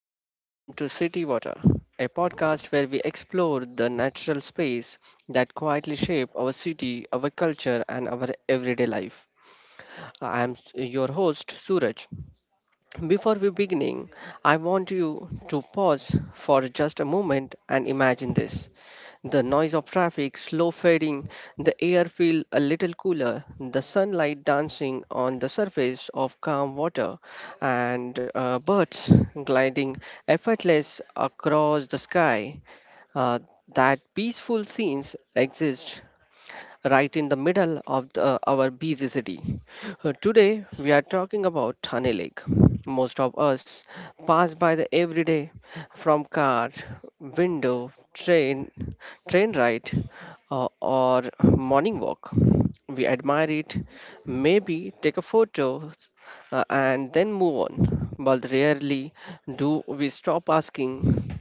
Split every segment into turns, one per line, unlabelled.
and welcome to City Water, a podcast where we explore the natural space that quietly shape our city, our culture, and our everyday life. I am your host, Suraj. Before we beginning, I want you to pause for just a moment and imagine this. The noise of traffic slow fading, the air feel a little cooler, the sunlight dancing on the surface of calm water, and birds gliding effortless across the sky. Uh, that peaceful scenes exist right in the middle of our busy city. Today, we are talking about Thane Lake. Most of us pass by the every day from car, window, train ride, or morning walk. We admire it, maybe take a photo, and then move on. But rarely do we stop asking,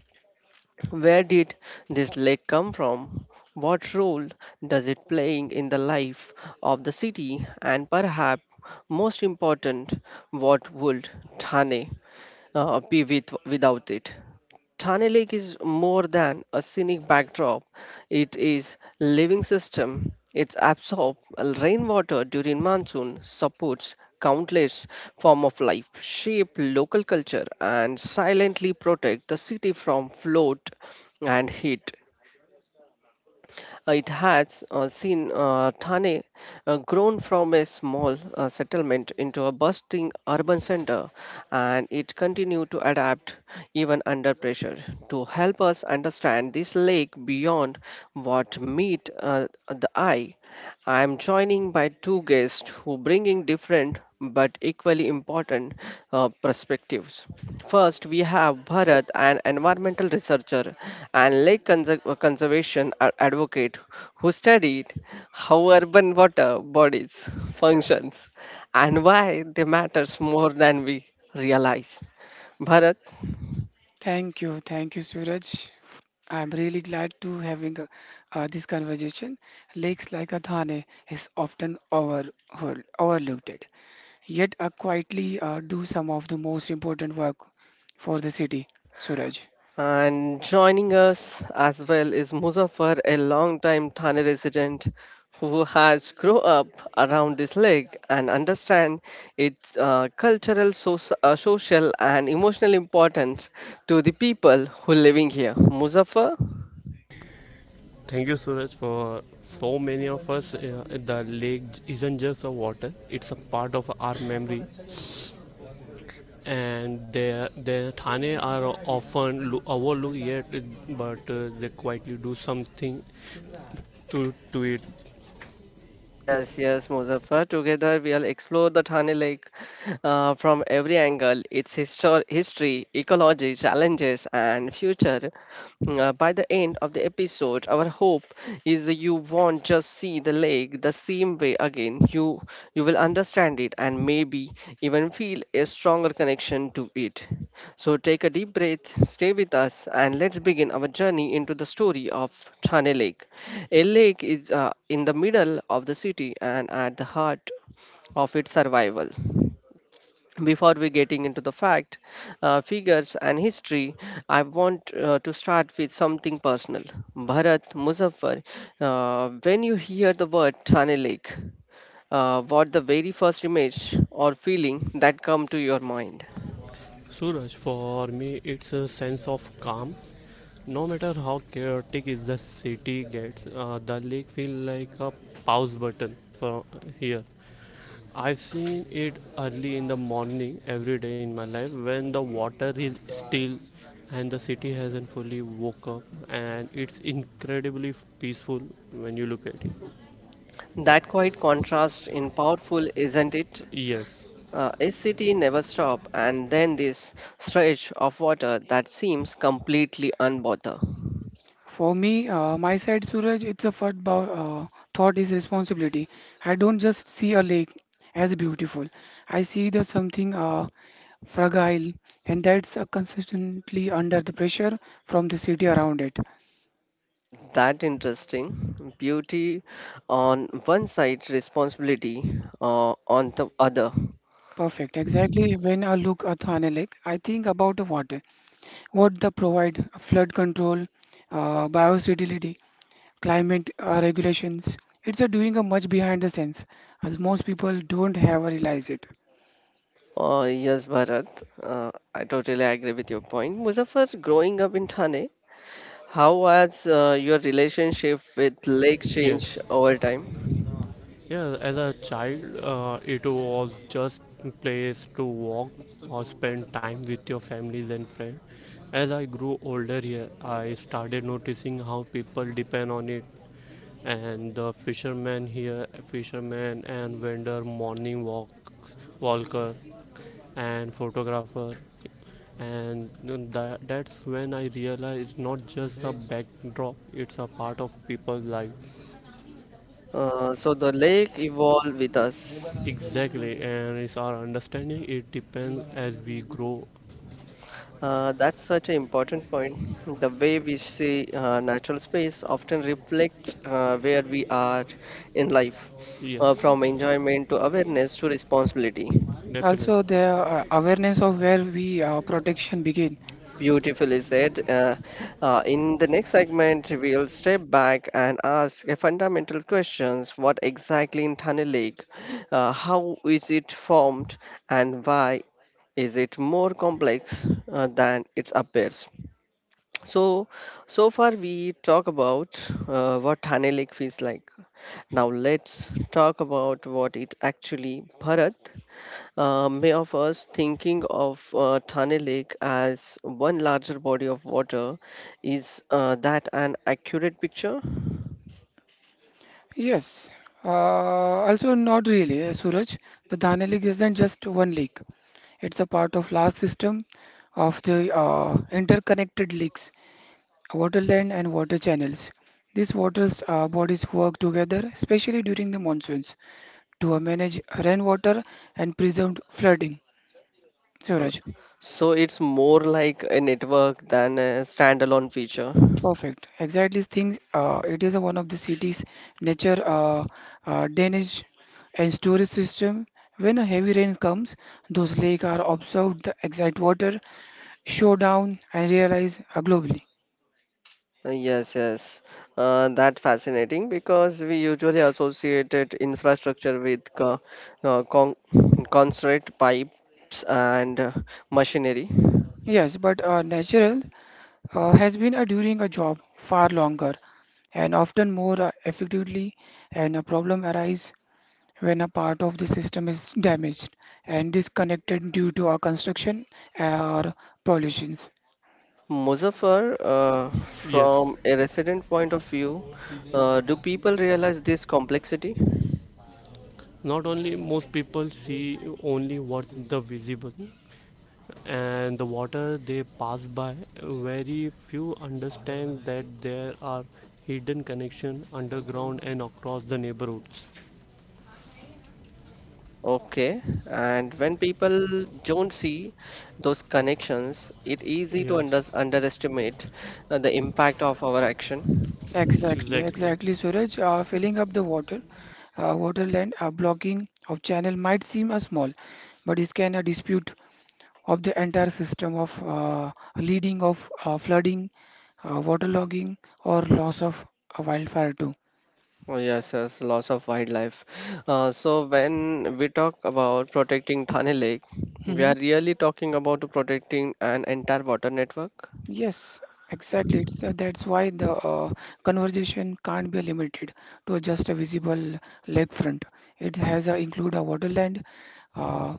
where did this lake come from? What role does it playing in the life of the city? And perhaps most important, what would Thane be without it? Thane Lake is more than a scenic backdrop. It is living system. It absorbs rainwater during monsoon, supports countless form of life, shape local culture, and silently protect the city from flood and heat. It has seen Thane grown from a small settlement into a bustling urban center, and it continued to adapt even under pressure. To help us understand this lake beyond what meet the eye, I'm joining by two guests who bringing different but equally important perspectives. First, we have Bharat, an environmental researcher and lake conservation advocate who studied how urban water bodies functions and why they matters more than we realize. Bharat.
Thank you, Suraj. I'm really glad to having this conversation. Lakes like a Thane is overlooked, yet quietly do some of the most important work for the city, Suraj.
And joining us as well is Muzaffar, a longtime Thane resident who has grown up around this lake and understand its cultural, social, and emotional importance to the people who living here. Muzaffar?
Thank you, Suraj, for so many of us. The lake isn't just a water; it's a part of our memory. And the Thane are often overlooked yet, but they quietly do something to to it.
Yes, yes, Muzaffar. Together we'll explore the Thane Lake from every angle, its history, ecology, challenges, and future. By the end of the episode, our hope is that you won't just see the lake the same way again discipline, you will understand it and maybe even feel a stronger connection to it. So take a deep breath, stay with us, and let's begin our journey into the story of Thane Lake. A lake is in the middle of the city and at the heart of its survival. Before we getting into the fact, figures and history, I want to start with something personal. Bharat, Muzaffar, when you hear the word Thane Lake, what the very first image or feeling that come to your mind?
Suraj, for me, it's a sense of calm. No matter how chaotic is the city gets, the lake feels like a pause button for here. I've seen it early in the morning every day in my life when the water is still and the city hasn't fully woke up and it's incredibly peaceful when you look at it.
That quite contrast in powerful, isn't it?
Yes,
A city never stop, and then this stretch of water that seems completely unbothered.
For me, my side, Suraj, it's a thought is responsibility. I don't just see a lake as beautiful. I see the something fragile, and that's consistently under the pressure from the city around it.
That interesting. Beauty on one side, responsibility on the other.
Perfect. Exactly. When I look at Thane Lake, I think about the water, what they provide, flood control, biodiversity, climate regulations. It's a doing a much behind the scenes, as most people don't have realize it.
Yes, Bharat, I totally agree with your point. Muzaffar, growing up in Thane, how has your relationship with lake changed
yes.
over time?
Yeah, as a child, it was just place to walk or spend time with your families and friends. As I grew older here, I started noticing how people depend on it. And the fishermen here, fishermen and vendor, morning walks, walker and photographer. And then that's when I realized it's not just a backdrop, it's a part of people's life.
So the lake evolved with us.
Exactly, and it's our understanding. It depends as we grow.
That's such an important point. The way we see natural space often reflects where we are in life,
Yes,
from enjoyment to awareness to responsibility.
Also,
definitely.
the awareness of where we protection begin.
Beautifully said. In the next segment, we'll step back and ask a fundamental questions: what exactly in Thane Lake? How is it formed, and why is it more complex than it appears? So, so far we talk about what Thane Lake feels like. Now let's talk about what it actually. Bharat, may of us thinking of Thane Lake as one larger body of water, is that an accurate picture?
Yes. Uh, also, not really, Suraj. The Thane Lake isn't just one lake. It's a part of large system of the interconnected lakes waterland and water channels. These water bodies work together, especially during the monsoons, to manage rainwater and preserve flooding.
Uh,
Suraj,
so it's more like a network than a standalone feature.
perfect. Exactly things. It is one of the city's nature drainage and storage system. When a heavy rain comes, those lakes are absorbed the exact water, show down, and realize globally.
Yes, yes. That fascinating because we usually associated infrastructure with co con concrete pipes and machinery.
Yes, but natural has been during a job far longer and often more effectively and a problem arises when a part of the system is damaged and disconnected due to a construction or pollutions.
Muzaffar,
Yes.
from a resident point of view, do people realize this complexity?
Not only most people see only what's the visible, and the water they pass by. Very few understand that there are hidden connection underground and across the neighborhoods.
Okay, and when people don't see those connections, it's easy to
Yes,
underestimate the impact of our action.
Exactly,
exactly.
exactly, Suraj, filling up the water water land blocking of channel might seem a small but it can a dispute of the entire system of leading of flooding waterlogging or loss of a wildfire too.
Oh, yes, yes, loss of wildlife. So when we talk about protecting Thane Lake, we
Mm-hmm.
are really talking about protecting an entire water network.
Yes, exactly. So that's why the conversation can't be limited to just a visible lakefront. It has include a waterland, uh,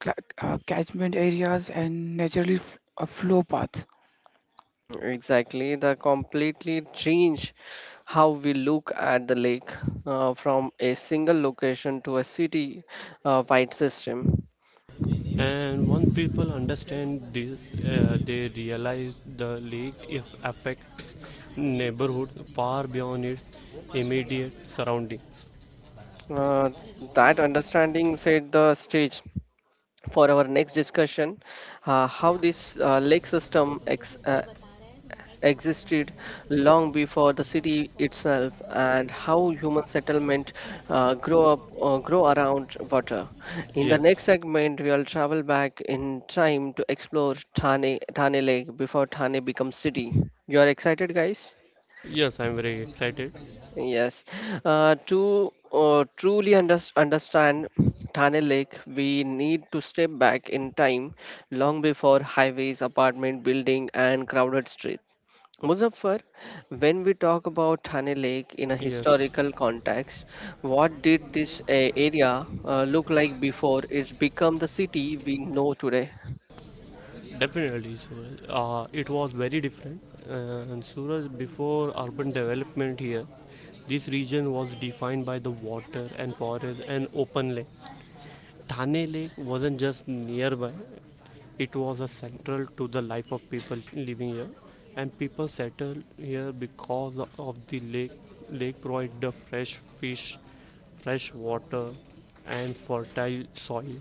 cla catchment areas, and naturally f a flow path.
Mm, exactly, the completely change how we look at the lake, from a single location to a city wide system.
And once people understand this, they realize the leak if affects neighborhood far beyond its immediate surroundings.
Uh, that understanding set the stage for our next discussion, how this lake system existed long before the city itself, and how human settlement grow around water. In the next
Yes,
segment, we'll travel back in time to explore Thane Lake before Thane becomes city. You are excited, guys?
yes, I'm very excited.
Yes, to truly understand Thane Lake, we need to step back in time long before highways, apartment building, and crowded streets. Muzaffar, when we talk about Thane Lake in a
Yes,
historical context, what did this area look like before it's become the city we know today?
definitely, Suraj. It was very different. And Suraj, before urban development here, this region was defined by the water and forest and open land. Thane Lake wasn't just nearby, it was a central to the life of people living here. And people settled here because of the lake. Lake provided the fresh fish, fresh water, and fertile soil,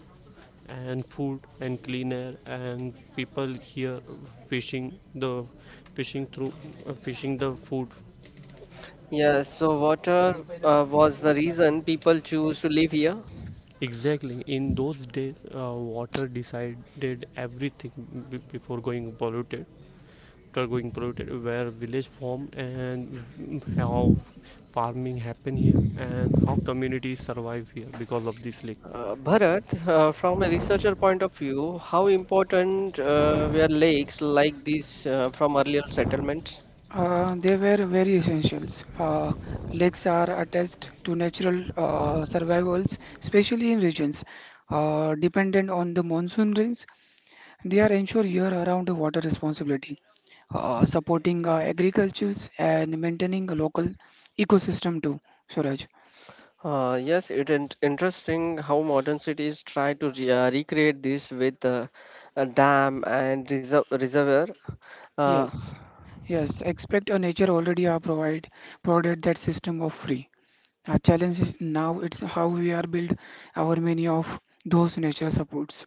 and food and clean air. And people here fishing the fishing through fishing the food.
Yes, so water was the reason people choose to live here.
Exactly. In those days, water decided everything before going polluted after going polluted where village formed and how farming happened here and how communities survive here because of this lake.
Bharat, from a researcher point of view, how important were lakes like these from earlier settlements?
They were very essentials. Lakes are attached to natural survivals, especially in regions dependent on the monsoon rains. They are ensure year-round water responsibility, supporting agricultures and maintaining a local ecosystem too, Suraj.
Yes, it is interesting how modern cities try to re recreate this with a dam and reservoir. Uh,
Yes, yes. Expect a nature already are provided that system of free. Our challenge is now it's how we are build our many of those nature supports.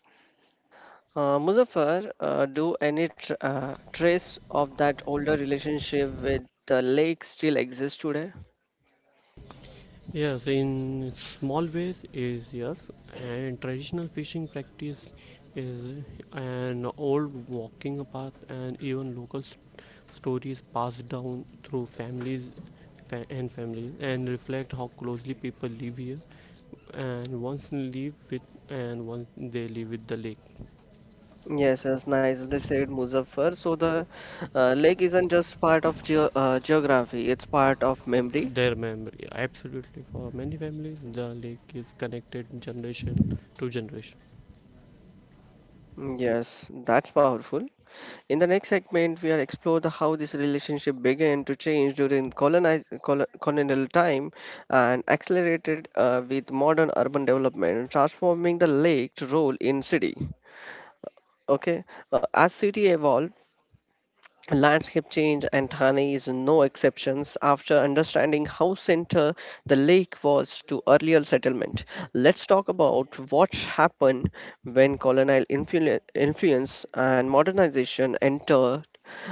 Muzaffar, do any tr trace of that older relationship with the lake still exist today?
Yes in small ways is yes and traditional fishing practice is an old walking path and even local stories passed down through families and families and reflect how closely people live here and once live with and once they live with the lake.
Yes, yes, nicely said, Muzaffar. So the lake isn't just part of geography, it's part of memory.
Their memory, absolutely. For many families, the lake is connected generation to generation.
Mm, yes, that's powerful. In the next segment, we are explore the how this relationship began to change during colonial time and accelerated with modern urban development, transforming the lake's role in city. Okay, as city evolved, landscape change and Thane is no exceptions. After understanding how center the lake was to earlier settlement, let's talk about what happened when colonial influence and modernization entered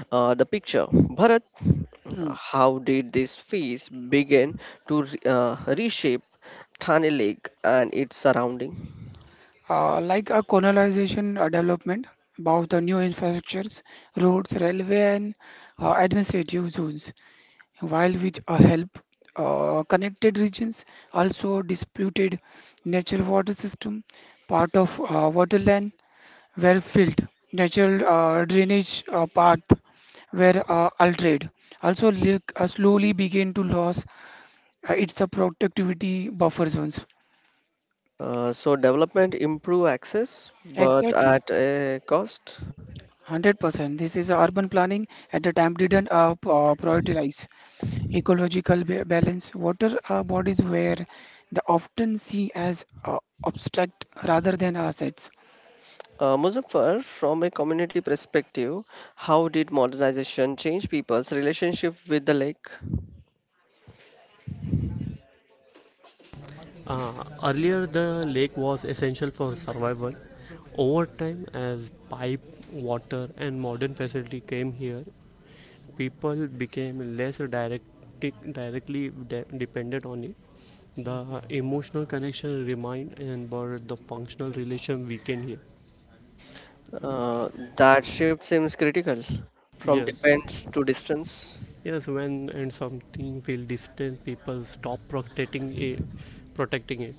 the picture. Bharat,
Hmm.
how did this phase begin to reshape Thane Lake and its surrounding?
Like a colonization development about the new infrastructures, roads, railway, and administrative zones. While with a help, connected regions also disputed natural water system, part of waterland were filled, natural drainage path were altered. Also, lake slowly began to lose its productivity buffer zones.
So development improved access, but
Exactly,
at a cost.
100%. This is urban planning at the time didn't prioritize. Ecological balance. Water are bodies where the often see as abstract rather than assets.
Muzaffar, from a community perspective, how did modernization change people's relationship with the lake?
Earlier, the lake was essential for survival. Over time, as pipe, water, and modern facility came here, people became directly dependent on it. The emotional connection remained, and but the functional relation weakened here.
Uh, that shift seems critical, from
Yes,
dependence to distance.
yes, when and something feel distant, people stop protecting it.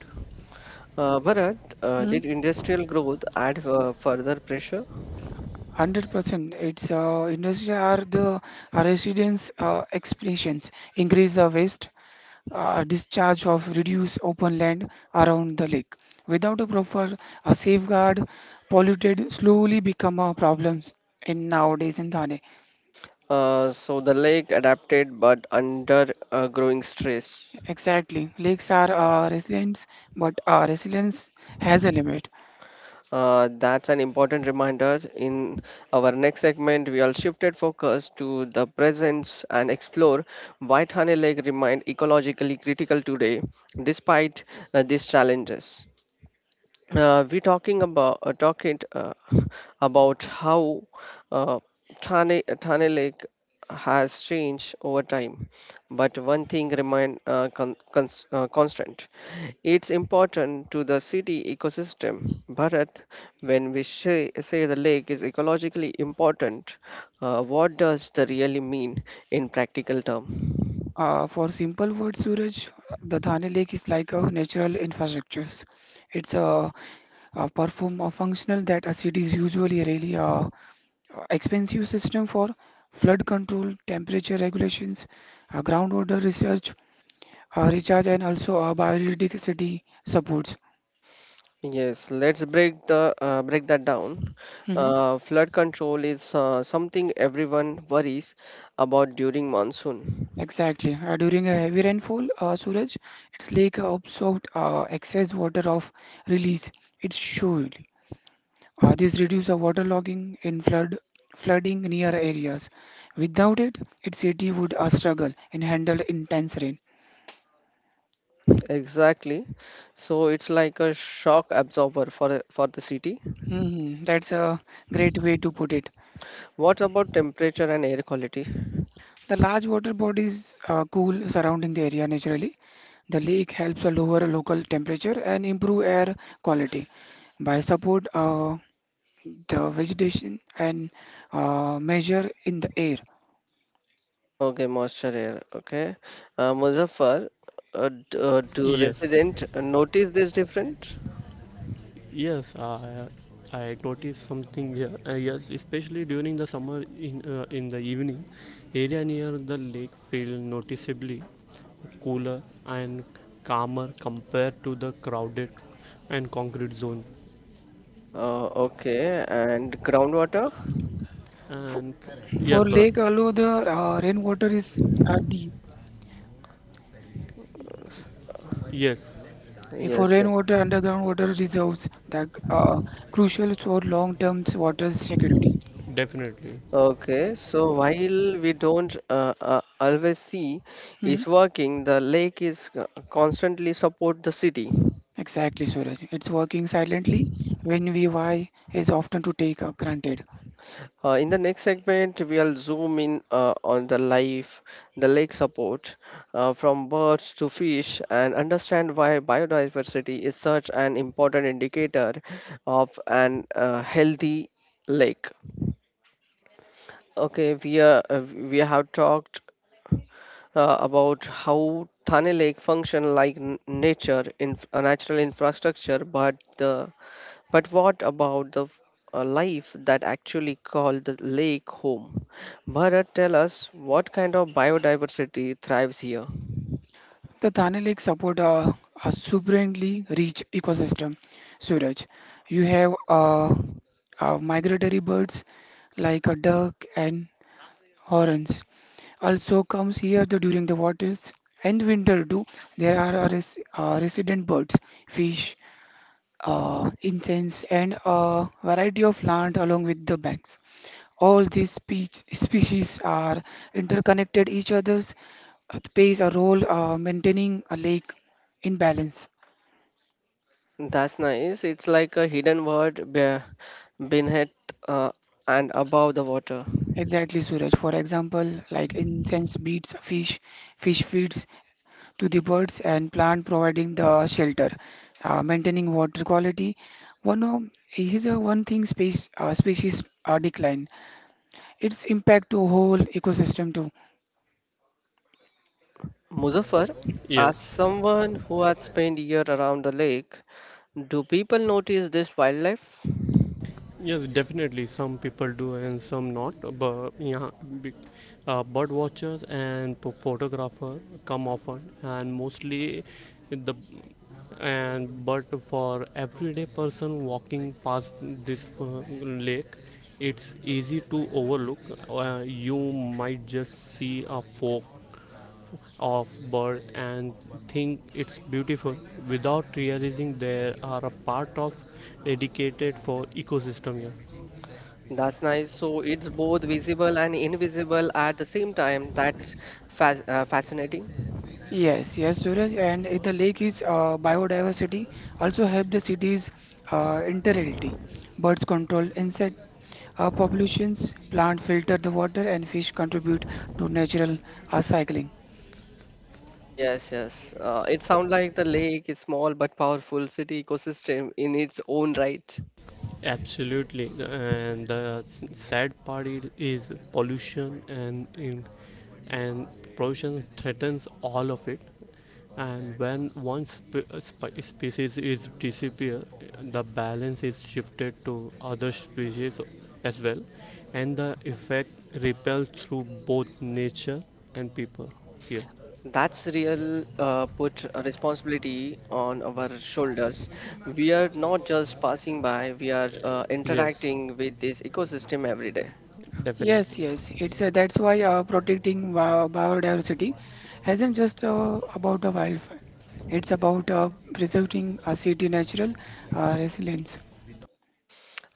Bharat,
Hmm?
did industrial growth add further pressure?
100% it's industry are the are residents' explanations increase the waste discharge of reduce open land around the lake without a proper safeguard polluted slowly become a problems in nowadays in Thane.
So the lake adapted but under growing stress.
Exactly lakes are resilient but resilience has a limit.
That's an important reminder. In our next segment, we will shifted focus to the presence and explore why Thane Lake remained ecologically critical today, despite these challenges we talking about talking about how uh, Thane Lake has changed over time, but one thing remain constant. It's important to the city ecosystem, Bharat. When we say the lake is ecologically important, what does the really mean in practical term?
For simple word Suraj, the Thane Lake is like a natural infrastructure. It's a perform a functional that a city is usually really expensive system for flood control, temperature regulations, groundwater research, recharge, and also biodiversity supports.
Yes, let's break that down.
Hmm.
Flood control is something everyone worries about during monsoon.
Exactly. During a heavy rainfall, Suraj, it's like absorbed excess water of release. It's shown. This reduces waterlogging in flooding near areas. Without it, its city would struggle and handle intense rain.
Mm, exactly. So it's like a shock absorber for the city.
Hmm. That's a great way to put it.
What about temperature and air quality?
The large water bodies cool surrounding the area naturally. The lake helps a lower local temperature and improve air quality by support the vegetation and measure in the air.
Okay, moisture air. Okay, Muzaffar, do
Yes,
resident notice this different?
yes, I noticed something here. Yes, especially during the summer in the evening, area near the lake feel noticeably cooler and calmer compared to the crowded and concrete zone.
Okay, and groundwater?
For,
And
for
yes, brother.
lake, although the rainwater is deep,
Yes,
if for
Yes, yes.
rainwater, underground water reserves that are crucial for long-term water security.
definitely.
Okay, so while we don't always see
Hmm.
is working, the lake is constantly support the city.
Exactly, Suraj. It's working silently when VY is often to take granted.
In the next segment, we'll zoom in on the life, the lake support, from birds to fish, and understand why biodiversity is such an important indicator of an healthy lake. Okay, we have talked about how Thane Lake function like nature in a natural infrastructure, but the but what about the life that actually called the lake home? Bharat, tell us what kind of biodiversity thrives here.
The Thane Lake support a supremely rich ecosystem, Suraj. You have migratory birds like a duck and horns also comes here the, during the waters and winter too. There are a resident birds fish incense, and a variety of plants along with the banks. All these species are interconnected each other's plays a role maintaining a lake in balance.
That's nice. It's like a hidden word beneath uh, and above the water.
Exactly, Suraj. For example, like incense feeds fish, fish feeds to the birds, and plant providing the shelter, maintaining water quality. One of is a one thing space species decline. Its impact to whole ecosystem too.
Muzaffar, as
Yes.
someone who has spent year around the lake, do people notice this wildlife?
Yes, definitely. Some people do and some not. But yeah, be- bird watchers and photographer come often, and mostly the and but for everyday person walking past this lake, it's easy to overlook. You might just see a fork of bird and think it's beautiful without realizing there are a part of dedicated for ecosystem here.
That's nice. So it's both visible and invisible at the same time. That's fascinating.
Yes, yes, Suraj, and if the lake is biodiversity also help the city's interality. Birds control insect populations, plant filter the water, and fish contribute to natural cycling.
Yes, yes. It sounds like the lake is small but powerful city ecosystem in its own right.
Absolutely, and the sad part is pollution and pollution threatens all of it. And when one species is disappear, the balance is shifted to other species as well, and the effect repels through both nature and people. Yeah.
That's real put a responsibility on our shoulders. We are not just passing by, we are
Yes,
interacting with this ecosystem every day.
definitely.
Yes, yes, it's that's why protecting biodiversity isn't just about the wildfire. It's about preserving a city natural resilience.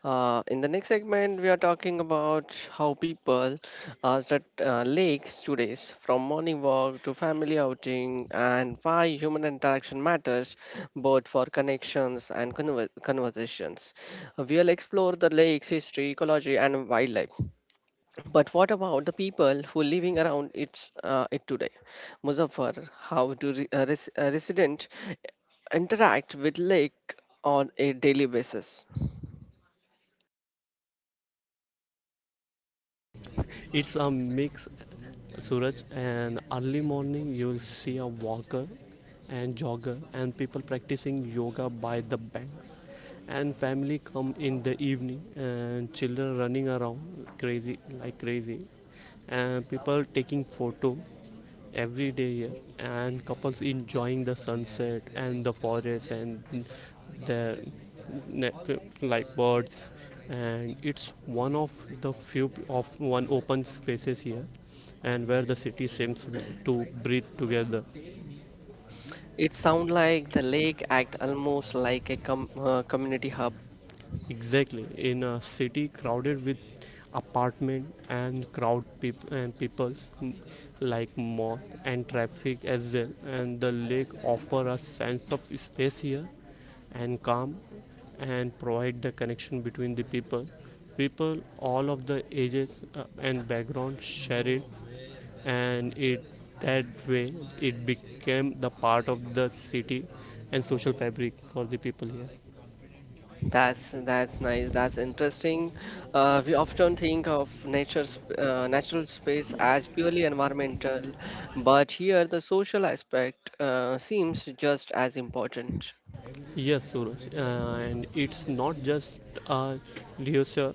In the next segment, we are talking about how people are at lakes today, from morning walk to family outing, and why human interaction matters both for connections and conversations. We'll explore the lake's history, ecology, and wildlife. But what about the people who are living around its it today? Muzaffar, how do resident interact with lake on a daily basis?
It's a mix, Suraj. And early morning, you'll see a walker and jogger, and people practicing yoga by the banks. And family come in the evening, and children running around crazy like crazy, and people taking photo every day here, and couples enjoying the sunset and the forest and the ne- like birds and it's one of the few p- of one open spaces here and where the city seems to breathe together.
It sound like the lake act almost like a community hub.
Exactly in a city crowded with apartment and and peoples, mm, like mall and traffic as well and the lake offer a sense of space here and calm and provide the connection between the people people all of the ages and background share it and it that way it became the part of the city and social fabric for the people here.
That's nice. That's interesting. We often think of nature natural space as purely environmental, but here the social aspect seems just as important.
Yes, Suraj, and it's not just a leisure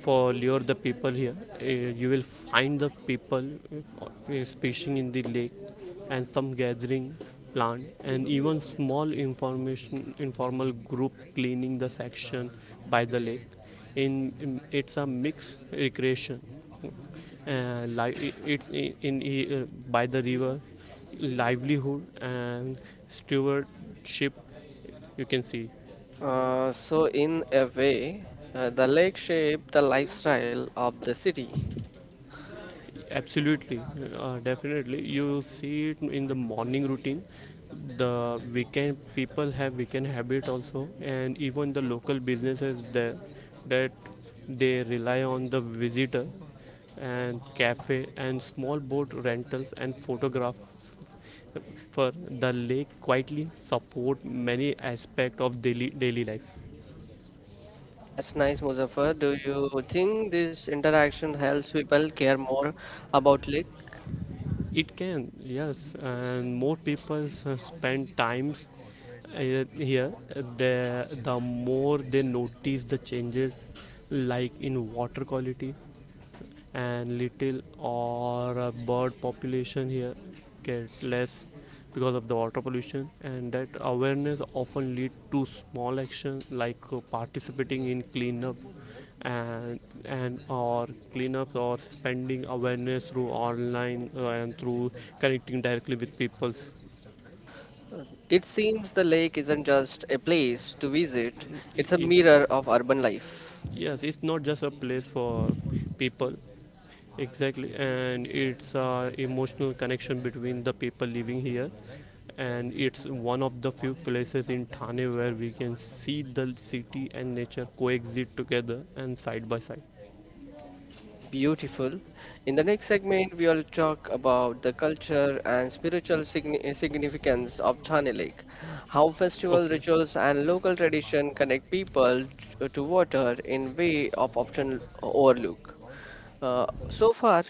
for lure the people here. Uh, you will find the people fishing in the lake and some gathering plant and even small information informal group cleaning the section by the lake. In, it's a mixed recreation. Li- it, it's it, in By the river livelihood and stewardship you can see.
So in a way, the lake shaped the lifestyle of the city.
Absolutely, definitely. You see it in the morning routine. The weekend people have weekend habit also, and even the local businesses there that they rely on the visitor and cafe and small boat rentals and photographs for the lake quietly support many aspect of daily life.
That's nice, Muzaffar. Do you think this interaction helps people care more about lake?
It can, yes, and more people spend times uh, here. The more they notice the changes, like in water quality, and little or a bird population here get less because of the water pollution and that awareness often lead to small actions like participating in cleanup and or cleanups or spending awareness through online and through connecting directly with people.
It seems the lake isn't just a place to visit, it's a mirror of urban life.
Yes, it's not just a place for people. Exactly, and it's a emotional connection between the people living here, and it's one of the few places in Thane where we can see the city and nature coexist together and side by side.
Beautiful. In the next segment, we will talk about the culture and spiritual significance of Thane Lake, how festival
Okay,
rituals and local tradition connect people to water in way of often overlook. So far,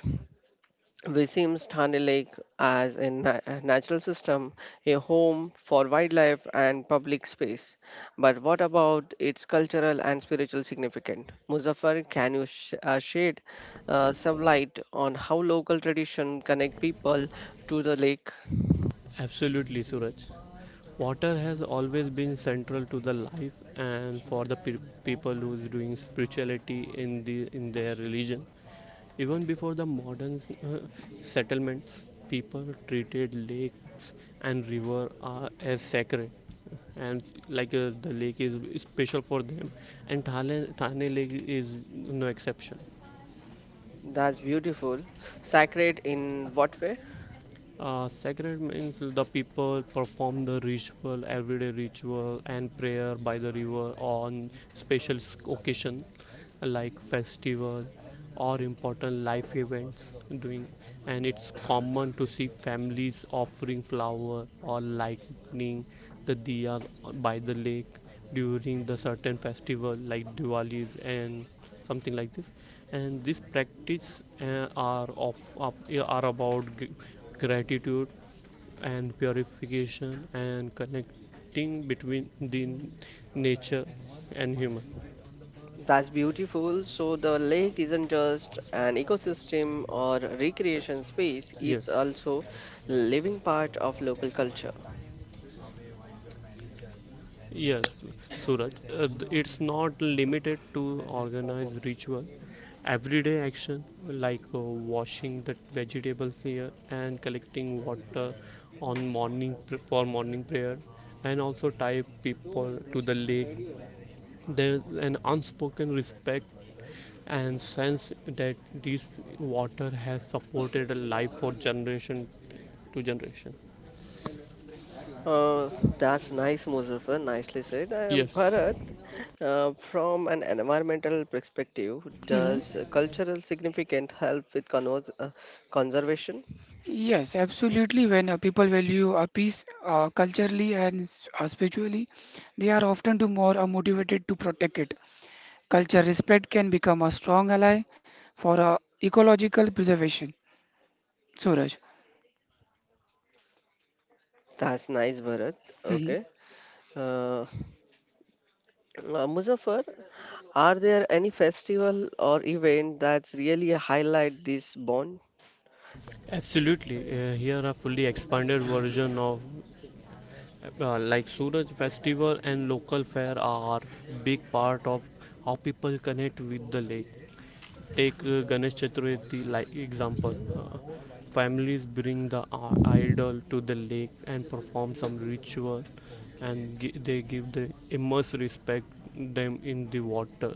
we seems Thane Lake as a natural system, a home for wildlife and public space. But what about its cultural and spiritual significance? Muzaffar, can you shed some light on how local tradition connect people to the lake?
absolutely, Suraj. Water has always been central to the life and for the people who's doing spirituality in the in their religion. Even before the modern settlements, people treated lakes and river are, as sacred, and like the lake is special for them, and Thane Lake is no exception.
That's beautiful. Sacred in what way?
Sacred means the people perform the ritual, everyday ritual and prayer by the river on special occasion like festival or important life events doing and it's common to see families offering flower or lighting the diya by the lake during the certain festival like Diwali's and something like this and this practice are about gratitude and purification and connecting between the nature and human.
That's beautiful. So the lake isn't just an ecosystem or recreation space, it's
Yes.
also living part of local culture.
Yes, Suraj. It's not limited to organized ritual everyday action like washing the vegetables here and collecting water on for morning prayer and also tie people to the lake. There's an unspoken respect and sense that this water has supported a life for generation to generation.
Uh, that's nice, Muzaffar. Nicely said.
Yes,
Bharat, from an environmental perspective,
Hmm.
does cultural significance help with conservation?
Yes, absolutely. When people value a peace culturally and spiritually, they are often to more motivated to protect it. Culture respect can become a strong ally for ecological preservation. Suraj.
That's nice, Bharat.
Hmm.
Okay. Uh, Muzaffar, are there any festival or event that's really highlight this bond?
absolutely, here a fully expanded version of like Suraj festival and local fair are big part of how people connect with the lake. Take Ganesh Chaturthi like example. Uh, families bring the idol to the lake and perform some ritual, and they give the immense respect them in the water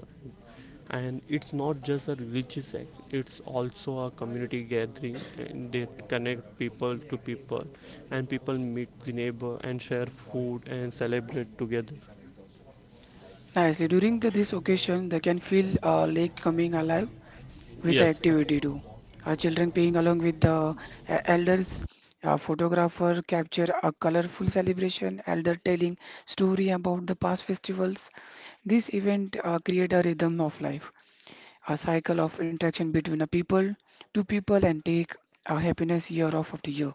and it's not just a religious act, it's also a community gathering and they connect people to people and people meet the neighbor and share food and celebrate together.
Nicely. During the, this occasion, they can feel lake coming alive with the
Yes, Parag,
activity too. Our children playing along with the elders. A photographer capture a colorful celebration, elder telling story about the past festivals. This event create a rhythm of life, a cycle of interaction between a people, two people, and take a happiness year off of the year.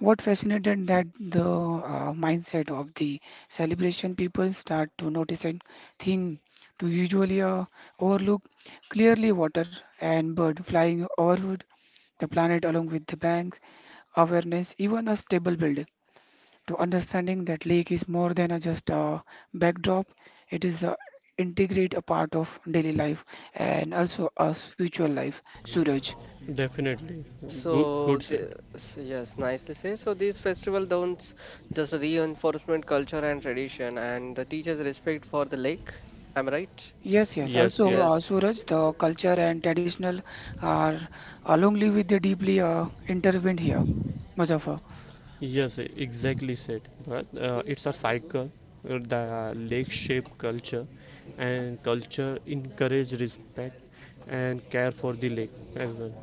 What fascinated that the mindset of the celebration people start to notice a thing to usually overlook clearly water and bird flying overhead, the planet along with the banks, awareness, even a stable building. To understanding that lake is more than a just a backdrop, it is a integrate a part of daily life and also a spiritual life. Suraj.
definitely, good
So,
good said.
the, so yes, nicely said. So these festival don't just reinforcement culture and tradition, and the teachers respect for the lake. Am I right?
Yes, yes.
Yes,
Also,
yes,
Yes.
Suraj, the culture and traditional are alongly with the deeply intertwined here, Muzaffar.
yes, exactly said. But it's a cycle, the lake shape culture and culture encourage respect and care for the lake as well.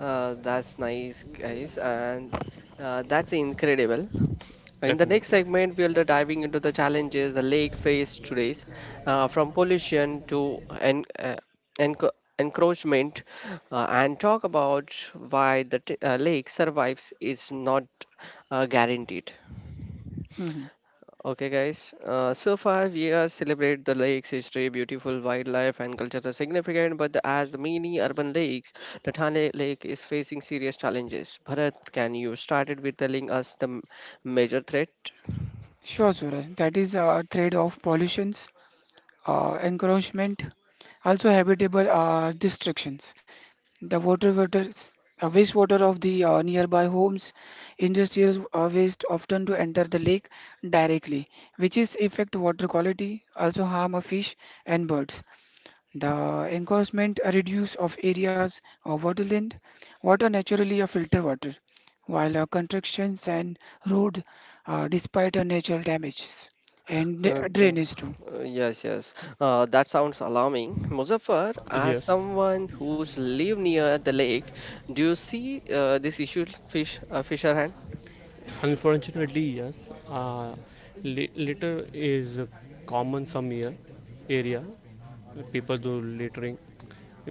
That's nice, guys, and that's incredible. In the next
Definitely,
segment, we'll be diving into the challenges the lake faced today, from pollution to enc- encroachment, and talk about why the lake survives is not guaranteed.
Hmm.
Okay, guys. So far, we have celebrated the lake's history, beautiful wildlife, and cultural significance. But as many urban lakes, the Thane Lake is facing serious challenges. Bharat, can you started with telling us the major threat?
Sure, Suraj. That is a trade of pollutions, encroachment, also habitable destructions. The wastewater of the nearby homes, industrial waste often to enter the lake directly, which is affect water quality, also harm of fish and birds. The encouragement a reduce of areas of waterland, water naturally a filter water, while constructions and road despite a natural damages and
Uh, the,
drainage too.
yes, yes. That sounds alarming. Muzaffar, as
yes.
someone who's live near the lake, do you see this issue, fish, fisherman?
Unfortunately, yes. Litter is a common some year area, people do littering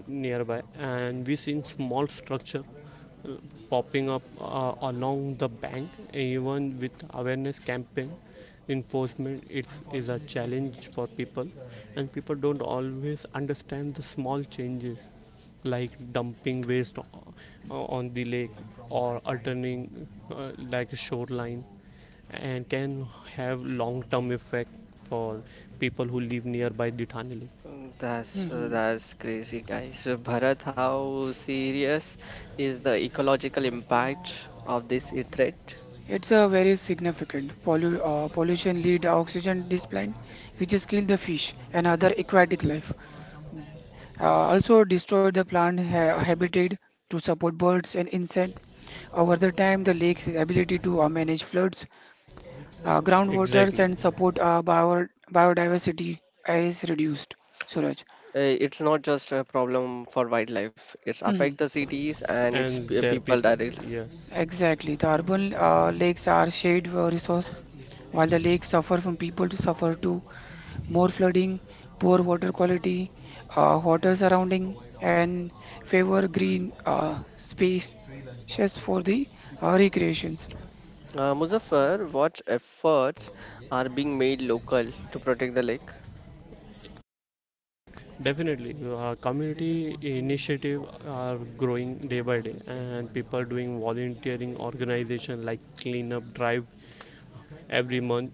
nearby and we seen small structure uh, popping up along the bank even with awareness campaign enforcement is a challenge for people and people don't always understand the small changes like dumping waste on the lake or alterning like a shoreline and can have long term effect for people who live nearby the Thane lake.
Mm, that's
Hmm.
that's crazy, guys. So, Bharat, how serious is the ecological impact of this threat?
It's a very significant pollution lead oxygen decline, which is kill the fish and other aquatic life. Also destroy the plant ha habitat to support birds and insect. Over the time, the lake's ability to manage floods, groundwaters
Exactly,
and support biodiversity is reduced, Suraj.
It's not just a problem for wildlife. It's
Mhm.
affect the cities and its
and their
people
people,
directly.
yes,
Exactly. The urban lakes are shared resource, while the lakes suffer from people to suffer too. More flooding, poor water quality, water surrounding, and favor green space just for the recreations.
Muzaffar, what efforts are being made local to protect the lake?
definitely. Uh, community initiative are growing day by day and people doing volunteering organization like cleanup drive every month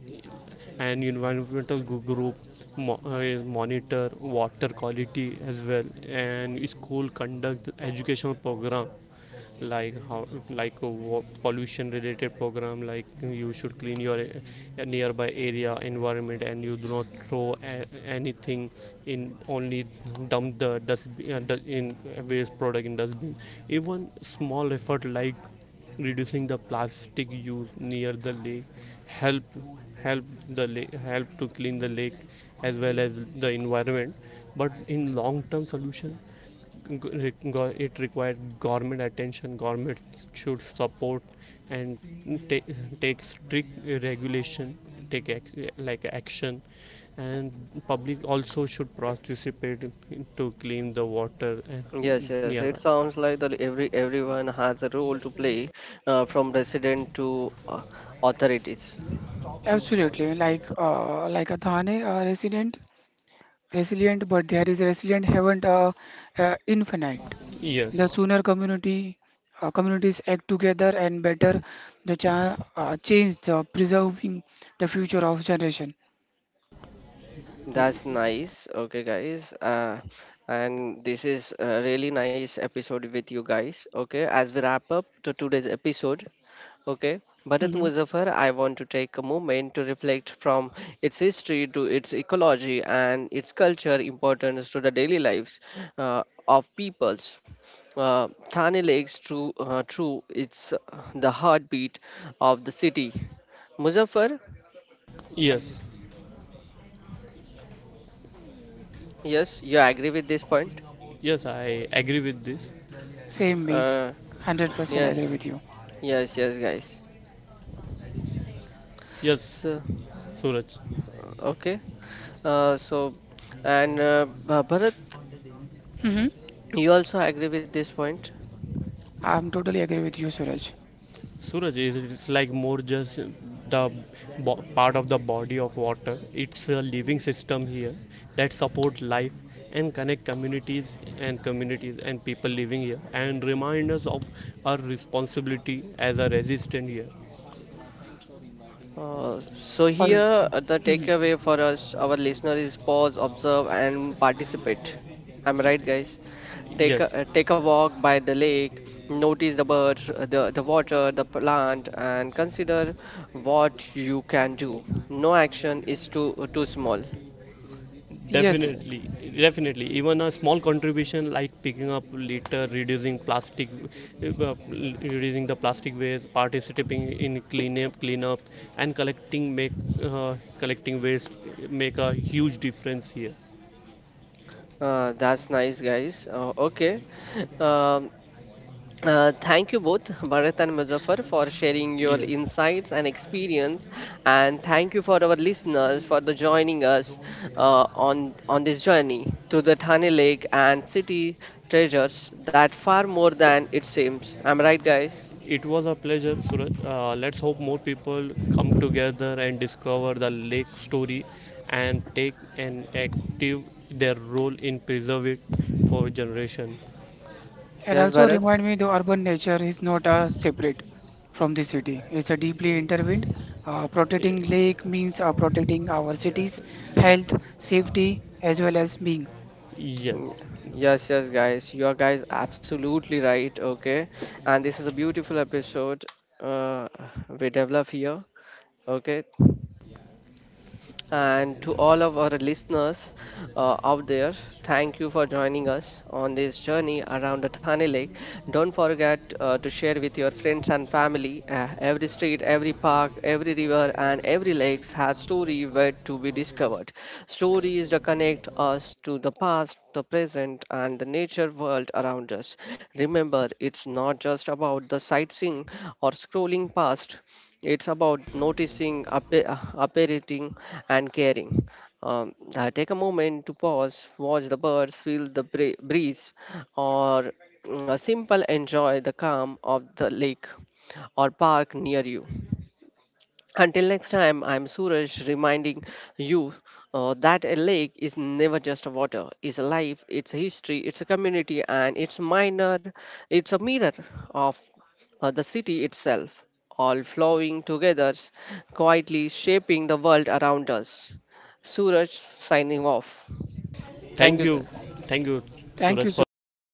and environmental group monitor water quality as well and school conduct educational program like how like a pollution related program like you should clean your nearby area environment and you do not throw anything in only dump the dust in waste product in dustbin. Even small effort like reducing the plastic use near the lake help help the lake help to clean the lake as well as the environment, but in long term solution it required government attention, government should support and take, take strict regulation, take like action and public also should participate to clean the water and
Yes, yes. It
nearby.
sounds like that every everyone has a role to play, from resident to uh, authorities.
Absolutely, like a Thane resident, resilient, but there is resilient haven't infinite. The
Yes,
sooner community communities act together and better the change the preserving the future of generation.
That's nice. Okay, guys. And this is a really nice episode with you guys. Okay, as we wrap up to today's episode. Okay, Bharat
Hmm.
Muzaffar, I want to take a moment to reflect from its history to its ecology and its culture importance to the daily lives uh, of peoples. Thane Lake's true, it's the heartbeat of the city. Muzaffar,
yes,
yes, you agree with this point?
yes, I agree with this.
Same way, one
Uh,
hundred percent
yes.
agree with you.
Yes, yes, guys.
Yes,
So,
Suraj.
okay. Uh, so, Bharat,
Hmm.
you also agree with this point.
I'm totally agree with you, Suraj.
Suraj, is it's like more just the part of the body of water. It's a living system here that support life and connect communities and people living here and remind us of our responsibility as a resident here.
So here,
Also,
the
hmm,
takeaway for us, our listener, is pause, observe, and participate. I'm right, guys. Take
Yes,
a take a walk by the lake, notice the birds, the water, the plant, and consider what you can do. No action is too small.
yes, yes.
definitely, definitely. Even a small contribution like picking up litter, reducing plastic, reducing the plastic waste, participating in cleanup, and collecting waste make a huge difference here.
That's nice, guys. Okay. Um, Thank you both, Bharat and Muzaffar, for sharing your
Yes,
insights and experience, and thank you for our listeners for the joining us on this journey to the Thane Lake and city treasures that far more than it seems. Am I right, guys.
it was a pleasure, Suraj. Let's hope more people come together and discover the lake story, and take an active their role in preserve it for generation.
And
Yes,
also
Bharat.
remind me the urban nature is not separate from the city. It's a deeply intertwined. Protecting lake
Uh,
means protecting our cities, health, safety, as well as being.
Yes.
Mm, yes, yes, guys. You are guys absolutely right. Okay, and this is a beautiful episode uh, we develop here. Okay, and to all of our listeners out there, thank you for joining us on this journey around the Thane Lake. Don't forget to share with your friends and family. Every street, every park, every river, and every lake has story wait to be discovered. Stories that connect us to the past, the present, and the nature world around us. Remember, it's not just about the sightseeing or scrolling past. It's about noticing, appreciating, and caring. Take a moment to pause, watch the birds, feel the breeze, or mm, a simple enjoy the calm of the lake or park near you. Until next time, I'm Suraj reminding you that a lake is never just water. It's a life, it's a history, it's a community, and it's minor. It's a mirror of the city itself, all flowing together, quietly shaping the world around us. Suraj signing off. Thank
Thank
you.
you, thank you,
Thank you,
Suraj, for
Suraj.
inviting